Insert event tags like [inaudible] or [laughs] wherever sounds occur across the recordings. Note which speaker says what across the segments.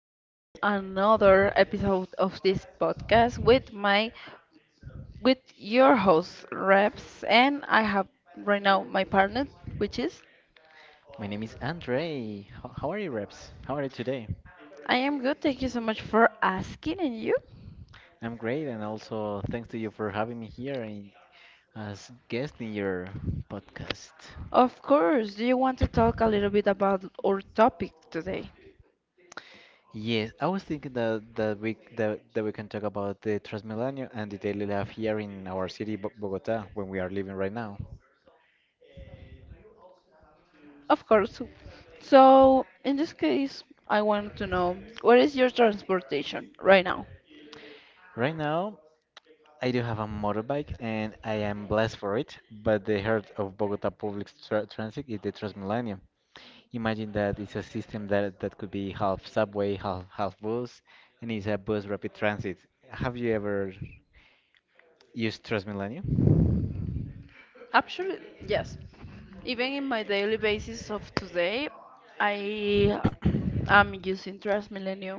Speaker 1: us in another episode of this podcast with my with your host Reps, and I have right now my partner, which is.
Speaker 2: My name is Andre. How are you, Reps? How are you today?
Speaker 1: I am good. Thank you so much for asking, and you?
Speaker 2: I'm great, and also thanks to you for having me here as guest in your podcast.
Speaker 1: Of course. Do you want to talk a little bit about our topic today?
Speaker 2: Yes, I was thinking that we can talk about the Transmilenio and the daily life here in our city, Bogota, when we are living right now.
Speaker 1: Of course. So, in this case, I want to know what is your transportation right now?
Speaker 2: Right now, I do have a motorbike, and I am blessed for it. But the heart of Bogota public transit is the Transmilenio. Imagine that it's a system that could be half subway, half bus, and it's a bus rapid transit. Have you ever used Transmilenio?
Speaker 1: Actually, yes. Even in my daily basis of today, I am using TransMilenio.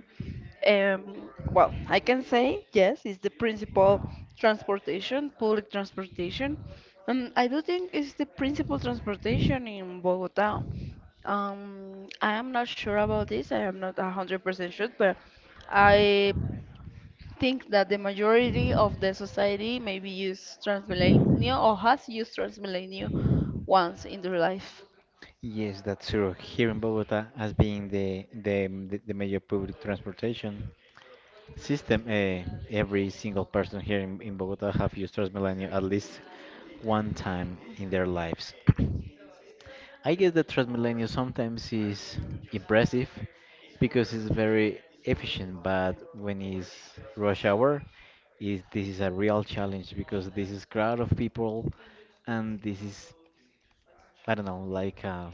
Speaker 1: Well, I can say yes, it's the principal transportation, public transportation. I do think it's the principal transportation in Bogota. I am not sure about this. I am not 100% sure, but I think that the majority of the society maybe use transmillennial or has used transmillennial once in their life.
Speaker 2: Yes, that's true. Here in Bogota, as being the major public transportation system. Every single person here in Bogota have used Transmilenio at least one time in their lives. [clears throat] I guess that Transmilenio sometimes is impressive because it's very efficient, but when it's rush hour, is this is a real challenge because this is crowd of people and this is, I don't know, like a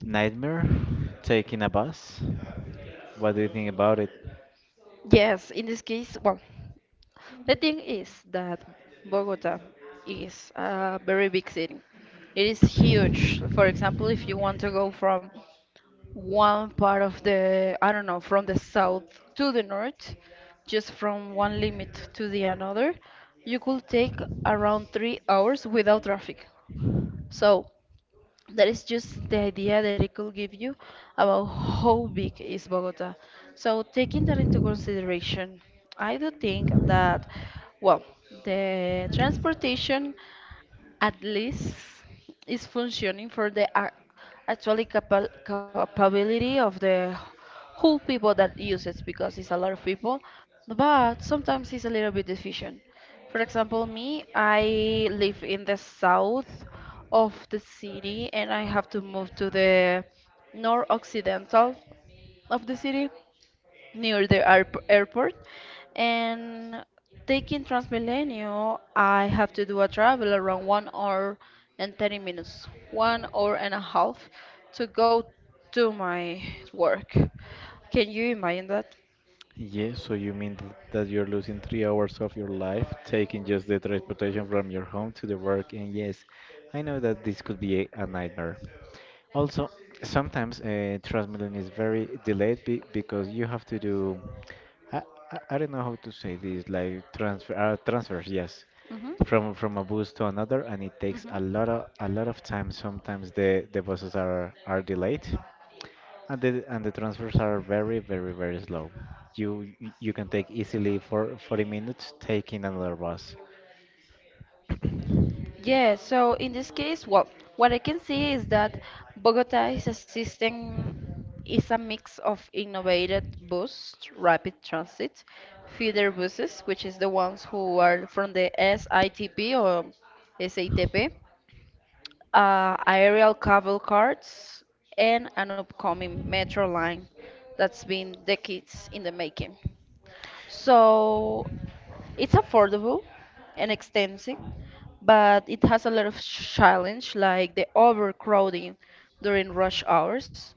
Speaker 2: nightmare taking a bus. What do you think about it?
Speaker 1: Yes, in this case, well, the thing is that Bogota is a very big city. It is huge. For example, if you want to go from one part of the, I don't know, from the south to the north, just from one limit to the another, you could take around 3 hours without traffic. So that is just the idea that it could give you about how big is Bogota. So taking that into consideration, I do think that, well, the transportation at least is functioning for the actually capability of the whole people that use it because it's a lot of people, but sometimes it's a little bit deficient. For example, me, I live in the south of the city, and I have to move to the north occidental of the city, near the airport. And taking Transmilenio, I have to do a travel around 1 hour and 30 minutes, 1 hour and a half, to go to my work. Can you imagine that?
Speaker 2: Yes, so you mean that you're losing 3 hours of your life taking just the transportation from your home to the work? And yes, I know that this could be a nightmare. Also, sometimes Transmilenio is very delayed be because you have to do. I, I don't know how to say this, like transfers, yes,
Speaker 1: Mm-hmm.
Speaker 2: from a bus to another, and it takes
Speaker 1: Mm-hmm.
Speaker 2: a lot of time. Sometimes the buses are delayed. And the transfers are very, very, very slow. You can take easily for 40 minutes taking another bus.
Speaker 1: Yeah, so in this case, well, what I can see is that Bogota is a system, is a mix of innovated bus, rapid transit, feeder buses, which is the ones who are from the SITP or SATP, aerial cable cars, and an upcoming metro line that's been decades in the making. So it's affordable and extensive, but it has a lot of challenge like the overcrowding during rush hours,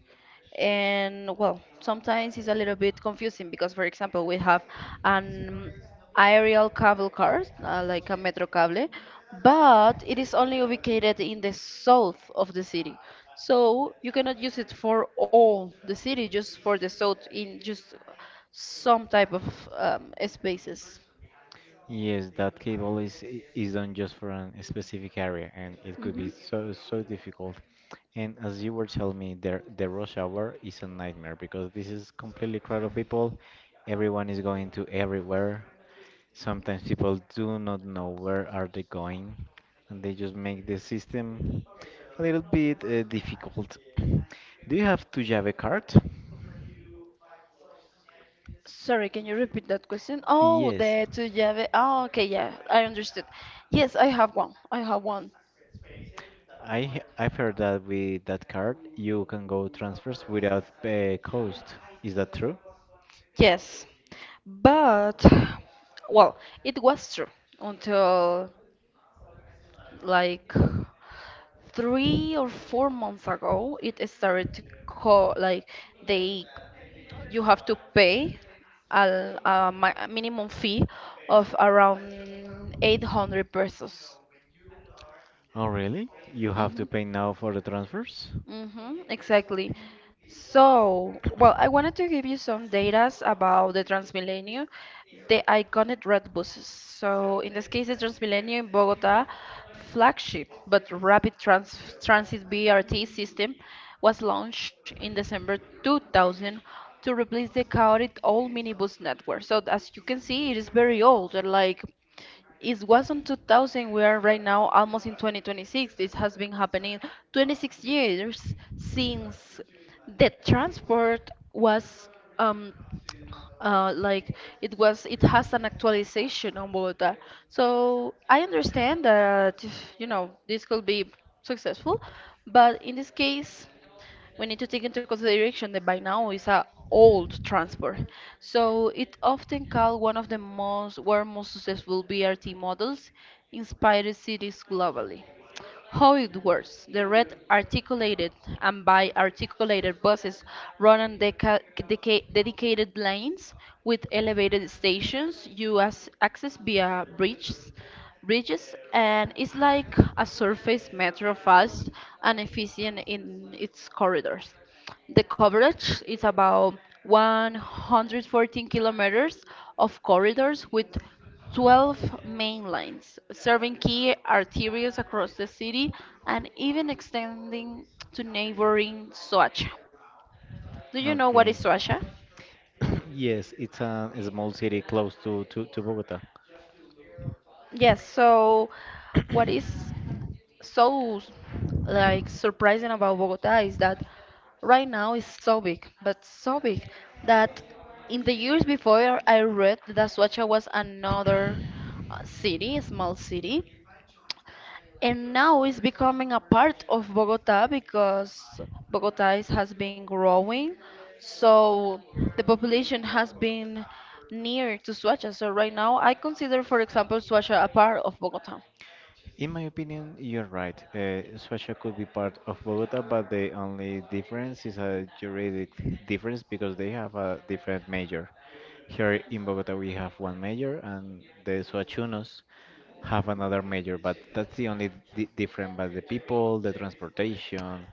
Speaker 1: and well, sometimes it's a little bit confusing because for example we have an aerial cable car, like a metro cable, but it is only ubicated in the south of the city, so you cannot use it for all the city, just for the south, in just some type of spaces.
Speaker 2: Yes, that cable is done just for a specific area, and it could be
Speaker 1: Mhm.
Speaker 2: so difficult. And as you were telling me, there the rush hour is a nightmare because this is completely crowd of people. Everyone is going to everywhere. Sometimes people do not know where are they going, and they just make the system a little bit difficult. [clears throat] Do you have to Java card?
Speaker 1: Sorry, can you repeat that question? Oh,
Speaker 2: Yes,
Speaker 1: the two llave. Oh, okay, yeah, I understood. Yes, I have one. I have one.
Speaker 2: I've heard that with that card you can go transfers without cost. Is that true?
Speaker 1: Yes, but well, it was true until like 3 or 4 months ago. It started to call like, they, you have to pay a minimum fee of around 800 pesos.
Speaker 2: Oh really? You have to
Speaker 1: Hmm.
Speaker 2: pay now for the transfers?
Speaker 1: Mm-hmm, exactly. So, well, I wanted to give you some data about the Transmilenio, the iconic red buses. So, in this case, the Transmilenio in Bogota flagship but rapid transit BRT system was launched in December 2000 to replace the chaotic old minibus network. So, as you can see, it is very old, like it was in 2000. We are right now almost in 2026. This has been happening 26 years since the transport was um, like it was, it has an actualization on Bogota. So I understand that this could be successful, but in this case we need to take into consideration that by now it's a old transport. So it often called one of the most world most successful BRT models inspired cities globally. How it works. The red articulated and bi articulated buses run on dedicated lanes with elevated stations you access via bridges and is like a surface metro, fast and efficient in its corridors. The coverage is about 114 kilometers of corridors with 12 main lines, serving key arteries across the city and even extending to neighboring Soacha. Do you know what
Speaker 2: Okay.
Speaker 1: is Soacha?
Speaker 2: [coughs] Yes, it's a small city close to Bogota.
Speaker 1: Yes, so what is so like surprising about Bogota is that right now it's so big, but so big that in the years before I read that Suacha was another city, a small city, and now it's becoming a part of Bogota because Bogota is, has been growing, so the population has been near to Suacha. So right now I consider, for example, Suacha a part of Bogota.
Speaker 2: In my opinion, you're right. Suecia could be part of Bogota, but the only difference is a juridic difference because they have a different mayor. Here in Bogota, we have one mayor, and the Suachunos have another mayor, but that's the only di difference. But the people, the transportation,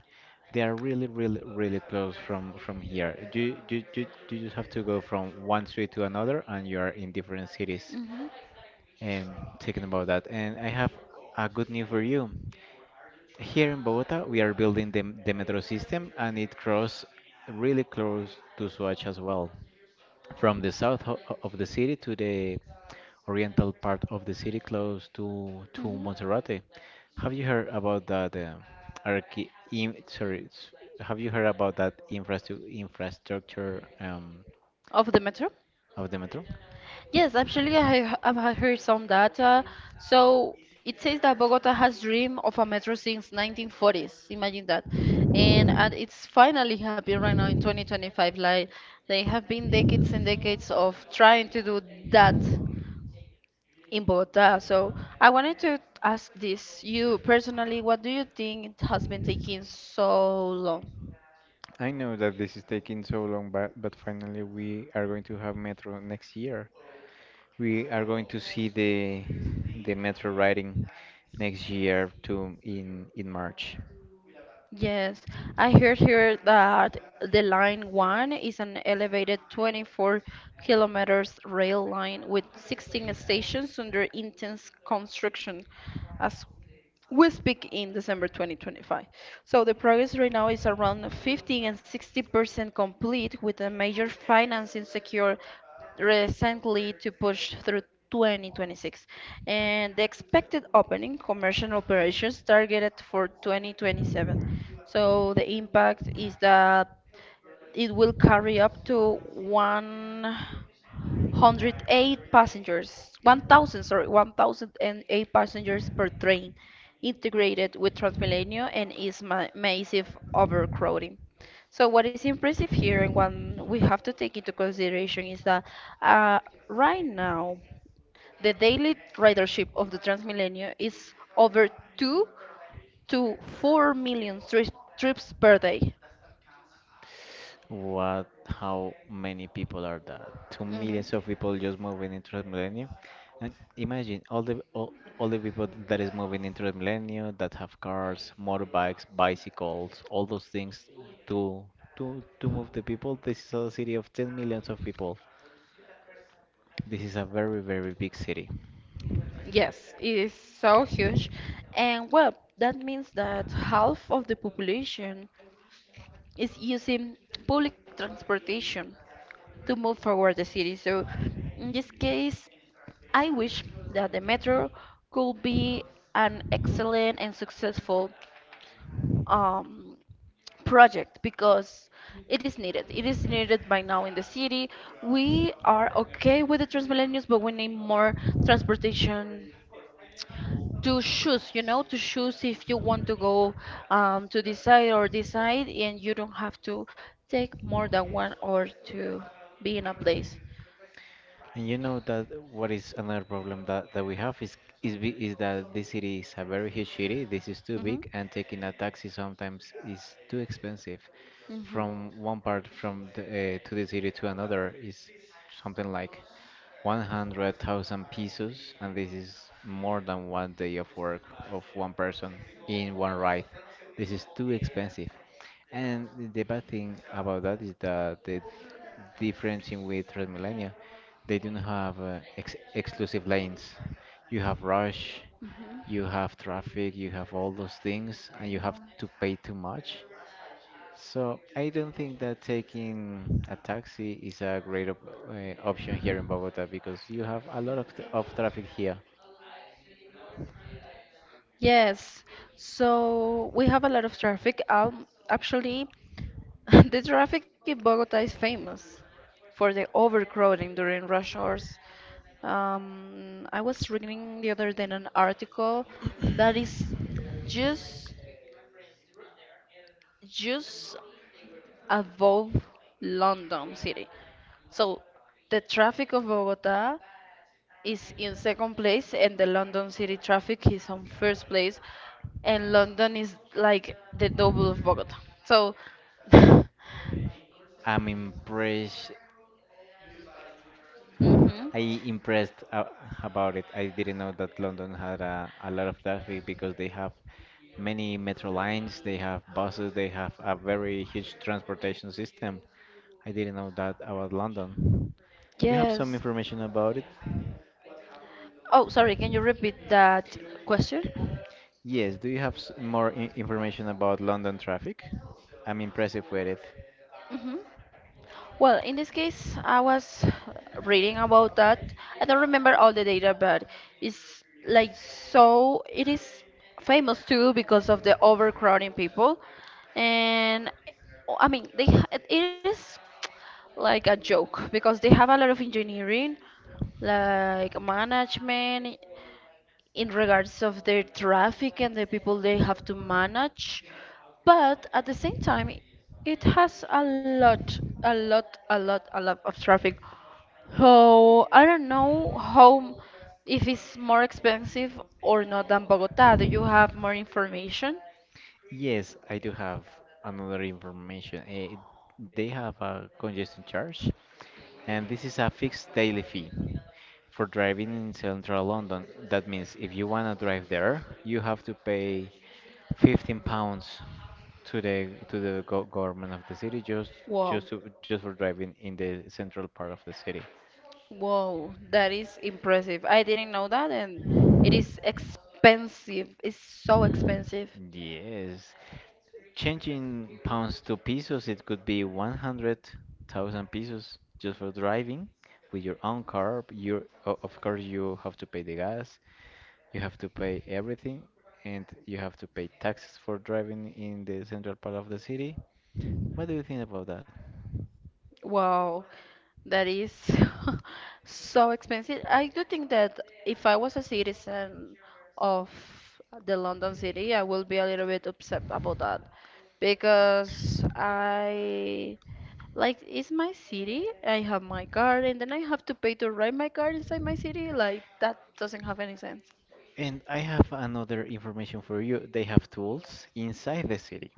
Speaker 2: they are really, really, really close from here. Do you just have to go from one street to another, and you are in different cities.
Speaker 1: Hmm.
Speaker 2: Thinking about that, and I have a good news for you. Here in Bogota, we are building the metro system, and it crosses really close to Soacha as well. From the south of the city to the oriental part of the city, close to
Speaker 1: Hmm.
Speaker 2: Monserrate. Have you heard about that? Sorry, have you heard about that infrastructure
Speaker 1: Of the metro?
Speaker 2: of the metro?
Speaker 1: Yes, actually, I have heard some data. So it says that Bogota has dreamed of a metro since 1940s. Imagine that, and it's finally happening right now in 2025. Like they have been decades and decades of trying to do that in Bogota. So I wanted to ask this, you personally, what do you think it has been taking so long?
Speaker 2: I know that this is taking so long, but finally we are going to have metro next year. We are going to see the metro riding next year to in March.
Speaker 1: Yes, I heard here that the line one is an elevated 24 kilometers rail line with 16 stations under intense construction. As we speak in December 2025. So the progress right now is around 15 and 60% complete with a major financing secured recently to push through 2026. And the expected opening commercial operations targeted for 2027. So the impact is that it will carry up to one. 108 passengers, 1,000, sorry, 1,008 passengers per train, integrated with Transmilenio and is ma massive overcrowding. So what is impressive here and what we have to take into consideration is that uh, right now the daily ridership of the Transmilenio is over 2 to 4 million trips per day.
Speaker 2: What? How many people are that? 2 millions of people just moving into Transmilenio, and imagine all the all the people that is moving into Transmilenio that have cars, motorbikes, bicycles, all those things to to move the people. This is a city of 10 millions of people. This is a very, very big city.
Speaker 1: Yes, it is so huge. And well, that means that half of the population is using public transportation to move forward the city. So in this case, I wish that the metro could be an excellent and successful um, project because it is needed. It is needed by now in the city. We are okay with the Transmillennials, but we need more transportation to choose, to choose if you want to go to this side or this side, and you don't have to take more than one or to be in a place.
Speaker 2: And you know that what is another problem that we have is that this city is a very huge city. This is too
Speaker 1: Hmm.
Speaker 2: big, and taking a taxi sometimes is too expensive.
Speaker 1: Hmm.
Speaker 2: From one part to the city to another is something like 100,000 pesos, and this is more than one day of work of one person in one ride. This is too expensive. And the bad thing about that is that the difference in with Transmilenio. They don't have ex exclusive lanes. You have rush,
Speaker 1: Hmm.
Speaker 2: you have traffic, you have all those things, and you have to pay too much. So I don't think that taking a taxi is a great op option here in Bogota because you have a lot of traffic here.
Speaker 1: Yes, so we have a lot of traffic. Actually, [laughs] the traffic in Bogota is famous for the overcrowding during rush hours. I was reading the other day an article that is just just above London City. So the traffic of Bogota is in second place, and the London City traffic is on first place, and London is like the double of Bogota. So, [laughs]
Speaker 2: I'm impressed
Speaker 1: mhm.
Speaker 2: I impressed uh, about it. I didn't know that London had a lot of traffic because they have many metro lines, they have buses, they have a very huge transportation system. I didn't know that about London. Do you have some
Speaker 1: Yes.
Speaker 2: information about it?
Speaker 1: Oh, sorry, can you repeat that question?
Speaker 2: Yes, do you have more I information about London traffic? I'm impressive with it.
Speaker 1: Hmm. Well, in this case, I was reading about that. I don't remember all the data, but it's like, so it is famous too because of the overcrowding people. And oh, I mean, it is like a joke because they have a lot of engineering, like management, in regards of their traffic and the people they have to manage, but at the same time it has a lot a lot a lot a lot of traffic. So I don't know how, if it's more expensive or not than Bogota. Do you have more information?
Speaker 2: Yes, I do have another information. They have a congestion charge, and this is a fixed daily fee for driving in central London. That means if you wanna drive there, you have to pay 15 pounds to the go government of the city just
Speaker 1: Wow,
Speaker 2: just to, just for driving in the central part of the city.
Speaker 1: wow, that is impressive. I didn't know that, and it is expensive. It's so expensive.
Speaker 2: Yes. Changing pounds to pesos, it could be 100,000 pesos just for driving with your own car. Of course, you have to pay the gas. You have to pay everything, and you have to pay taxes for driving in the central part of the city. What do you think about that?
Speaker 1: Wow, that is [laughs] so expensive. I do think that if I was a citizen of the London city, I will be a little bit upset about that because I, like, it's my city. I have my card, and then I have to pay to rent my card inside my city. Like that doesn't have any sense.
Speaker 2: And I have another information for you. They have tools inside the city.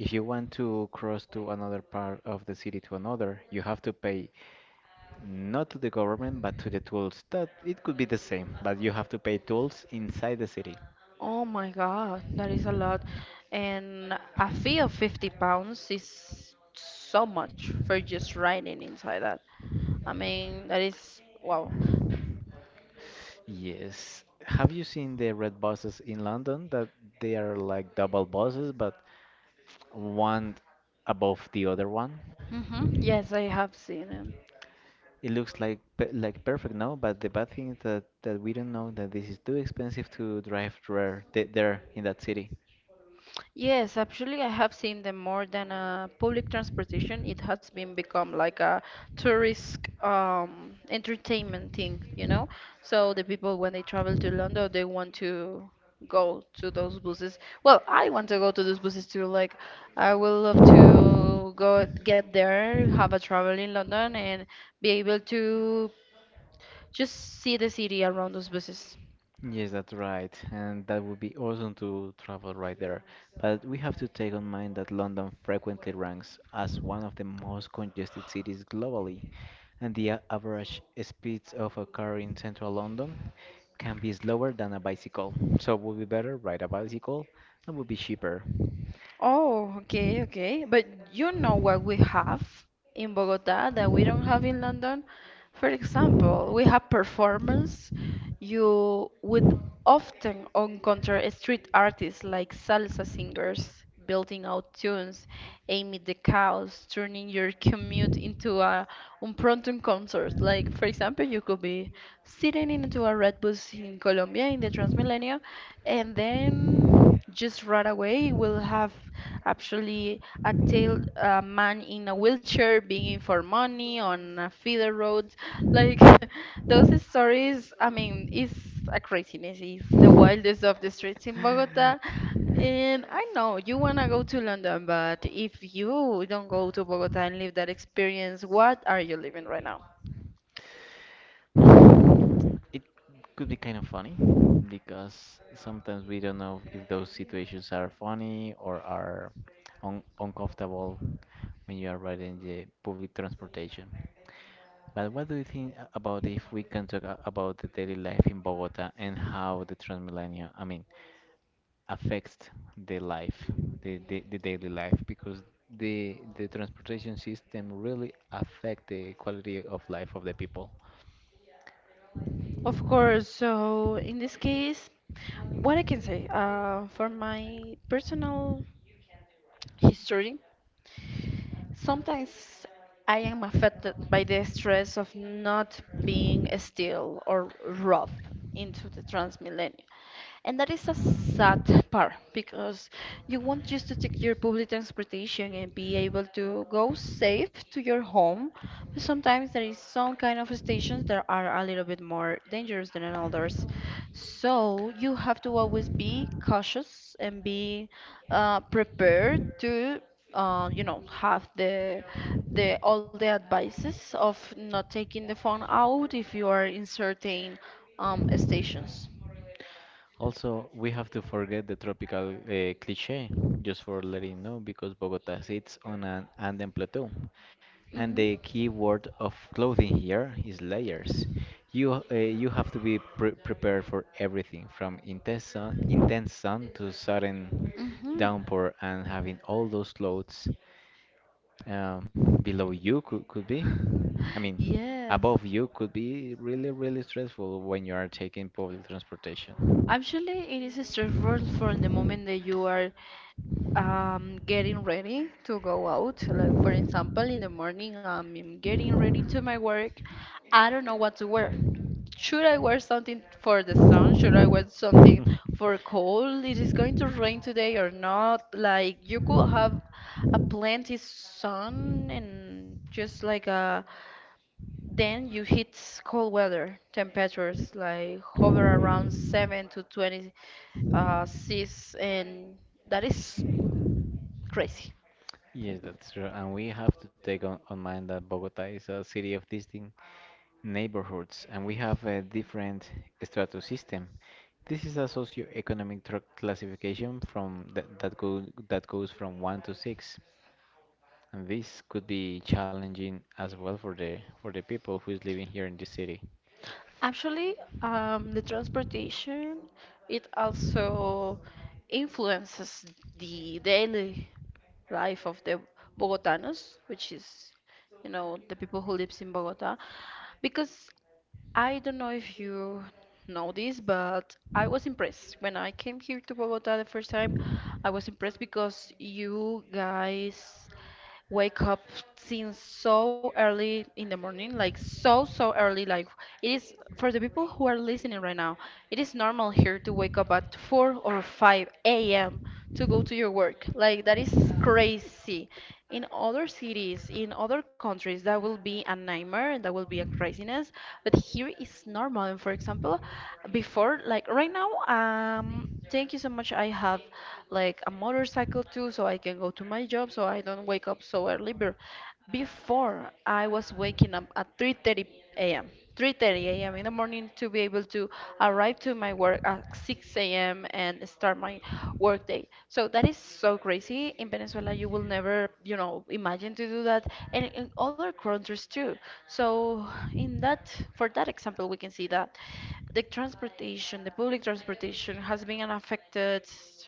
Speaker 2: If you want to cross to another part of the city to another, you have to pay not to the government but to the tools. That it could be the same, but you have to pay tools inside the city.
Speaker 1: Oh my God, that is a lot. And a fee of 50 pounds is so much for just riding inside that. I mean, that is wow.
Speaker 2: Yes. Have you seen the red buses in London that they are like double buses, but one above the other one?
Speaker 1: Hmm. Yes, I have seen them.
Speaker 2: It looks like perfect, no? But the bad thing is that we don't know that this is too expensive to drive there, there in that city.
Speaker 1: Yes, actually, I have seen them more than a public transportation. It has been become like a tourist entertainment thing, you know? So the people, when they travel to London, they want to go to those buses. Well, I want to go to those buses too. Like, I would love to go get there, have a travel in London, and be able to just see the city around those buses.
Speaker 2: Yes, that's right. And that would be awesome to travel right there. But we have to take on mind that London frequently ranks as one of the most congested cities globally, and the average speeds of a car in central London can be slower than a bicycle. So it would be better ride a bicycle and would be cheaper.
Speaker 1: Oh, okay, okay. But you know what we have in Bogota that we don't have in London? For example, we have performance. You would often encounter street artists like salsa singers building out tunes, aiming the cows, turning your commute into a impromptu concert. Like, for example, you could be sitting into a red bus in Colombia in the Transmilenio, and then just right away we'll have actually a man in a wheelchair begging for money on a feeder road like [laughs] those stories. I mean, it's a craziness. It's the wildest of the streets in Bogota. And I know you want to go to London, but if you don't go to Bogota and live that experience, what are you living right now?
Speaker 2: It could be kind of funny because sometimes we don't know if those situations are funny or are un uncomfortable when you are riding the public transportation. But what do you think about if we can talk about the daily life in Bogota and how the Transmilenio, I mean, affects the life, the daily life, because the transportation system really affect the quality of life of the people.
Speaker 1: Of course. So in this case, what I can say, for my personal history. Sometimes I am affected by the stress of not being still or rough into the Transmillennium. And that is a sad part, because you want just to take your public transportation and be able to go safe to your home. But sometimes there is some kind of stations that are a little bit more dangerous than others. So you have to always be cautious and be prepared to, have the all the advices of not taking the phone out if you are in certain stations.
Speaker 2: Also, we have to forget the tropical cliche, just for letting you know, because Bogota sits on an Andean plateau, and
Speaker 1: hmm
Speaker 2: the key word of clothing here is layers. You have to be prepared for everything, from intense sun to sudden
Speaker 1: hmm [laughs]
Speaker 2: downpour, and having all those clothes below you could be, I mean,
Speaker 1: Yes.
Speaker 2: above you could be really stressful when you are taking public transportation. [laughs]
Speaker 1: Actually, it is stressful from the moment that you are getting ready to go out, like, for example, in the morning. I'm getting ready to my work. I don't know what to wear. Should I wear something for the sun? Should I wear something for cold? It is going to rain today or not? Like, you could have a plenty sun and just like a, then you hit cold weather temperatures like hover around 7 to 20. uh, and that is crazy.
Speaker 2: Yes, that's true. And we have to take on mind that Bogota is a city of distinct neighborhoods, and we have a different strato system. This is a socio-economic tr classification from that that, go, that goes from one to six. And this could be challenging as well for the people who is living here in the city.
Speaker 1: Actually, the transportation, it also influences the daily life of the Bogotanos, which is, you know, the people who lives in Bogota. Because I don't know if you know this, but I was impressed when I came here to Bogota the first time. I was impressed because you guys wake up since so early in the morning, like so, so early. Like, it is, for the people who are listening right now, it is normal here to wake up at 4 or 5 a.m. to go to your work. Like that is crazy. In other cities, in other countries, that will be a nightmare, that will be a craziness. But here it's normal. And, for example, before, like right now, thank you so much, I have like a motorcycle too, so I can go to my job, so I don't wake up so early. But before, I was waking up at 3:30 a.m. 3:30 a.m. in the morning to be able to arrive to my work at 6 a.m. and start my work day. So that is so crazy. In Venezuela, you will never, you know, imagine to do that, and in other countries too. So in that, for that example, we can see that the transportation, the public transportation, has been affected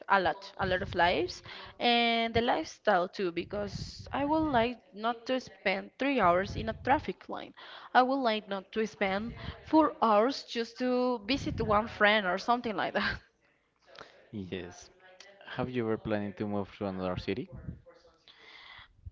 Speaker 1: a lot of lives, and the lifestyle too, because I would like not to spend 3 hours in a traffic line. I would like not to spend 4 hours just to visit one friend or something like that.
Speaker 2: Yes. Have you ever planning to move to another city?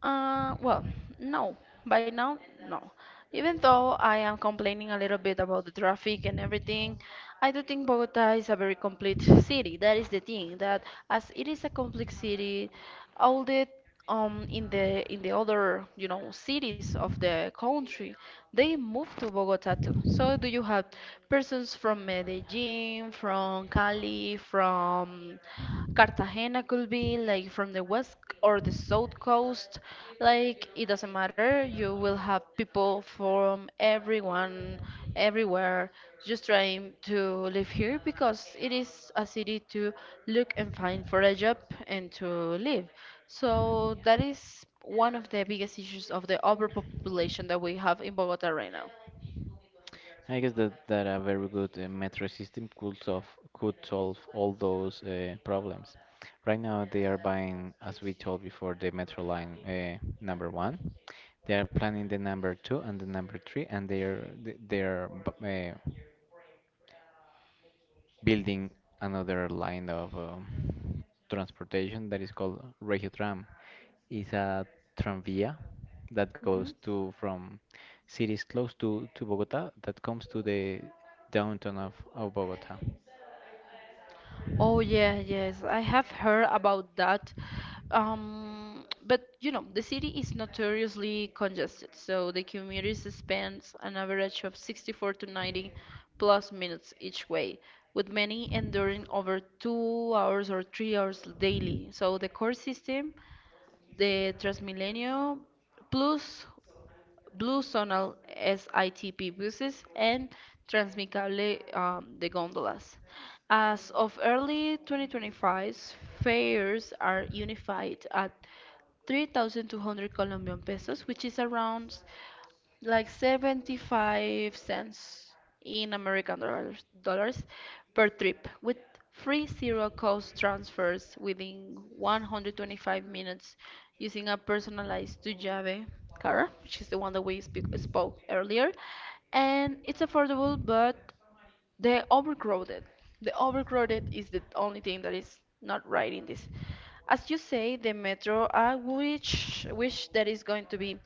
Speaker 1: Uh, well, no. By now, no. Even though I am complaining a little bit about the traffic and everything, I do think Bogota is a very complete city. That is the thing, that as it is a complex city, all the in the in the other, you know, cities of the country, they move to Bogota too. So do you have persons from Medellin, from Cali, from Cartagena, could be like from the west or the south coast, like it doesn't matter. You will have people from everyone, everywhere, just trying to live here because it is a city to look and find for a job and to live. So that is one of the biggest issues of the overpopulation that we have in Bogota right now.
Speaker 2: I guess that a very good metro system could solve all those problems. Right now, they are buying, as we told before, the metro line number one. They are planning the number two and the number three, and they're building another line of transportation that is called Regio Tram. It's a tranvía that goes
Speaker 1: Hmm.
Speaker 2: to from cities close to Bogota that comes to the downtown of Bogota.
Speaker 1: Oh yeah, yes, I have heard about that. But you know, the city is notoriously congested, so the commuters spend an average of 64 to 90 plus minutes each way, with many enduring over 2 hours or 3 hours daily. So the core system, the Transmilenio, plus Blue Zonal SITP buses and Transmicable, de gondolas. As of early 2025, fares are unified at 3,200 Colombian pesos, which is around like 75 cents in American dollars, dollars per trip, with free zero cost transfers within 125 minutes using a personalized Dujave car, which is the one that we spoke earlier. And it's affordable, but the overcrowded. The overcrowded is the only thing that is not right in this. As you say, the metro, I wish that is going to be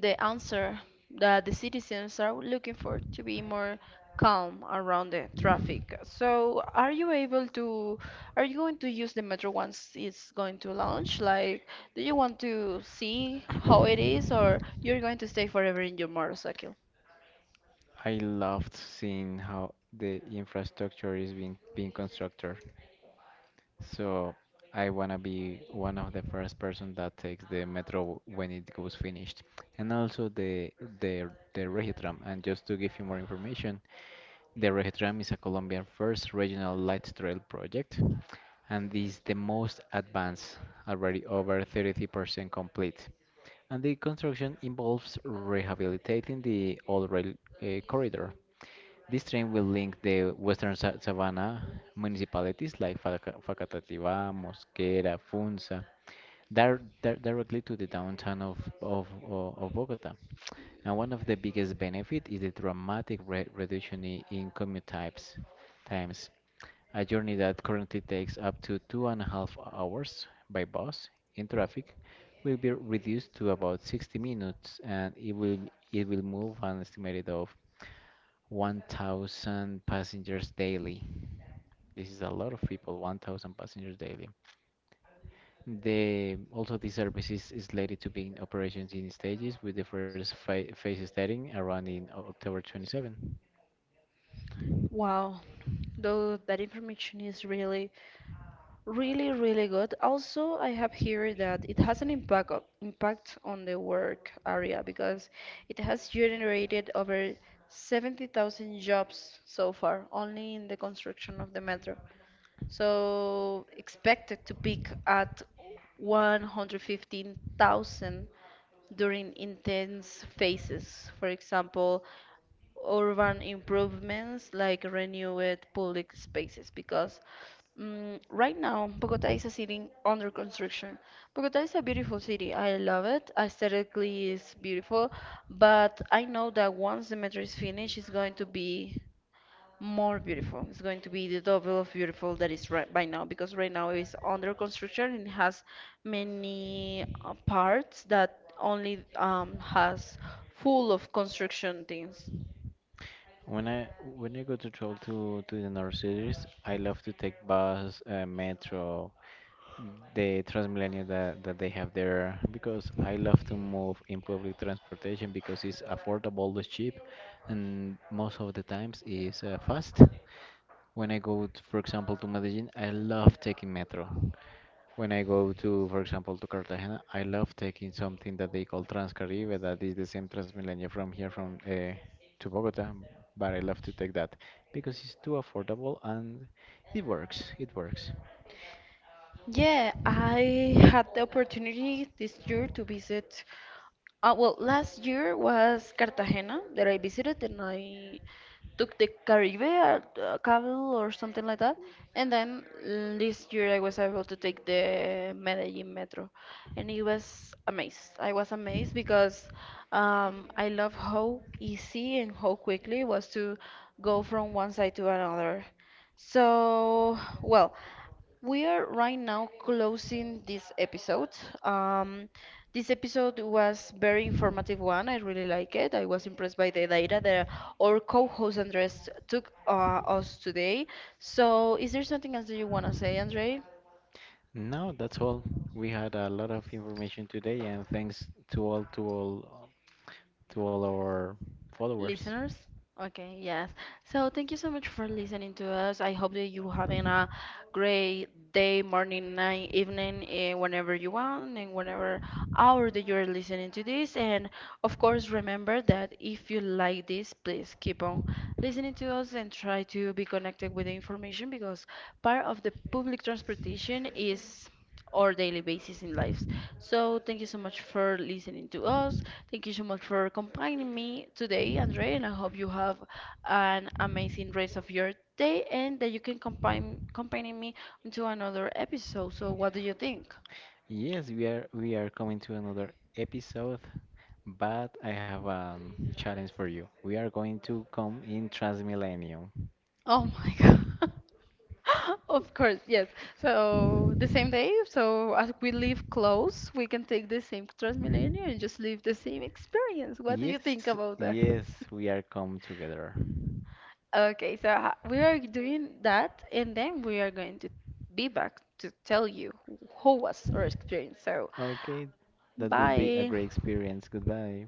Speaker 1: the answer that the citizens are looking for to be more calm around the traffic. So, are you able are you going to use the metro once it's going to launch? Like, do you want to see how it is, or you're going to stay forever in your motorcycle?
Speaker 2: I loved seeing how the infrastructure is being constructed. So I wanna be one of the first person that takes the metro when it goes finished. And also the Regitram. And just to give you more information, the Regitram is a Colombian first regional light rail project and is the most advanced, already over 30% complete. And the construction involves rehabilitating the old rail corridor. This train will link the western savannah municipalities like Facatativá, Mosquera, Funza, directly to the downtown of Bogota. And one of the biggest benefit is the dramatic re reduction in commute times. A journey that currently takes up to 2.5 hours by bus in traffic will be reduced to about 60 minutes, and it will move an estimated of 1,000 passengers daily. This is a lot of people, 1,000 passengers daily. The Also, this service is slated to begin operations in stages with the first phase starting around in October 27.
Speaker 1: Wow, though that information is really, really, really good. Also, I have here that it has an impact impact on the work area because it has generated over 70,000 jobs so far, only in the construction of the metro. So expected to peak at 115,000 during intense phases. For example, urban improvements like renewed public spaces because right now Bogota is a city under construction. Bogota is a beautiful city. I love it. Aesthetically, it's beautiful, but I know that once the metro is finished, it's going to be more beautiful. It's going to be the double of beautiful that is right by now, because right now it's under construction and it has many parts that only has full of construction things.
Speaker 2: When I go to travel to the north cities, I love to take bus, metro, the Transmilenio that they have there because I love to move in public transportation because it's affordable, it's cheap, and most of the times is fast. When I go, for example, to Medellin, I love taking metro. When I go to, for example, to Cartagena, I love taking something that they call Transcaribe, that is the same Transmilenio from here from to Bogota, but I love to take that because it's too affordable and it works. It works.
Speaker 1: Yeah, I had the opportunity this year to visit. Last year was Cartagena that I visited, and I took the Caribe at Cabo or something like that. And then this year I was able to take the Medellin Metro, and it was amazed. I was amazed because I love how easy and how quickly it was to go from one side to another. So, well, we are right now closing this episode. Um, this episode was very informative one. I really like it. I was impressed by the data that our co-host Andres took us today. So, is there something else that you want to say, Andre?
Speaker 2: Now that's all. We had a lot of information today, and thanks to all to all to all our followers.
Speaker 1: Listeners? Okay, yes. So thank you so much for listening to us. I hope that you having a great day, morning, night, evening, eh, whenever you want and whenever hour that you're listening to this. And of course, remember that if you like this, please keep on listening to us and try to be connected with the information, because part of the public transportation is or daily basis in lives. So thank you so much for listening to us. Thank you so much for accompanying me today, Andre, and I hope you have an amazing rest of your day and that you can accompany me into another episode. So what do you think?
Speaker 2: Yes, we are coming to another episode, but I have a challenge for you. We are going to come in Transmilenio.
Speaker 1: Oh my [laughs] God. [laughs] Of course, yes. So the same day, so as we live close, we can take the same Transmilenio and just live the same experience. What do you think
Speaker 2: Yes,
Speaker 1: about that?
Speaker 2: yes, we are come together.
Speaker 1: Okay, so we are doing that, and then we are going to be back to tell you who was our experience. So,
Speaker 2: Okay, that would be a
Speaker 1: bye.
Speaker 2: great experience. Goodbye.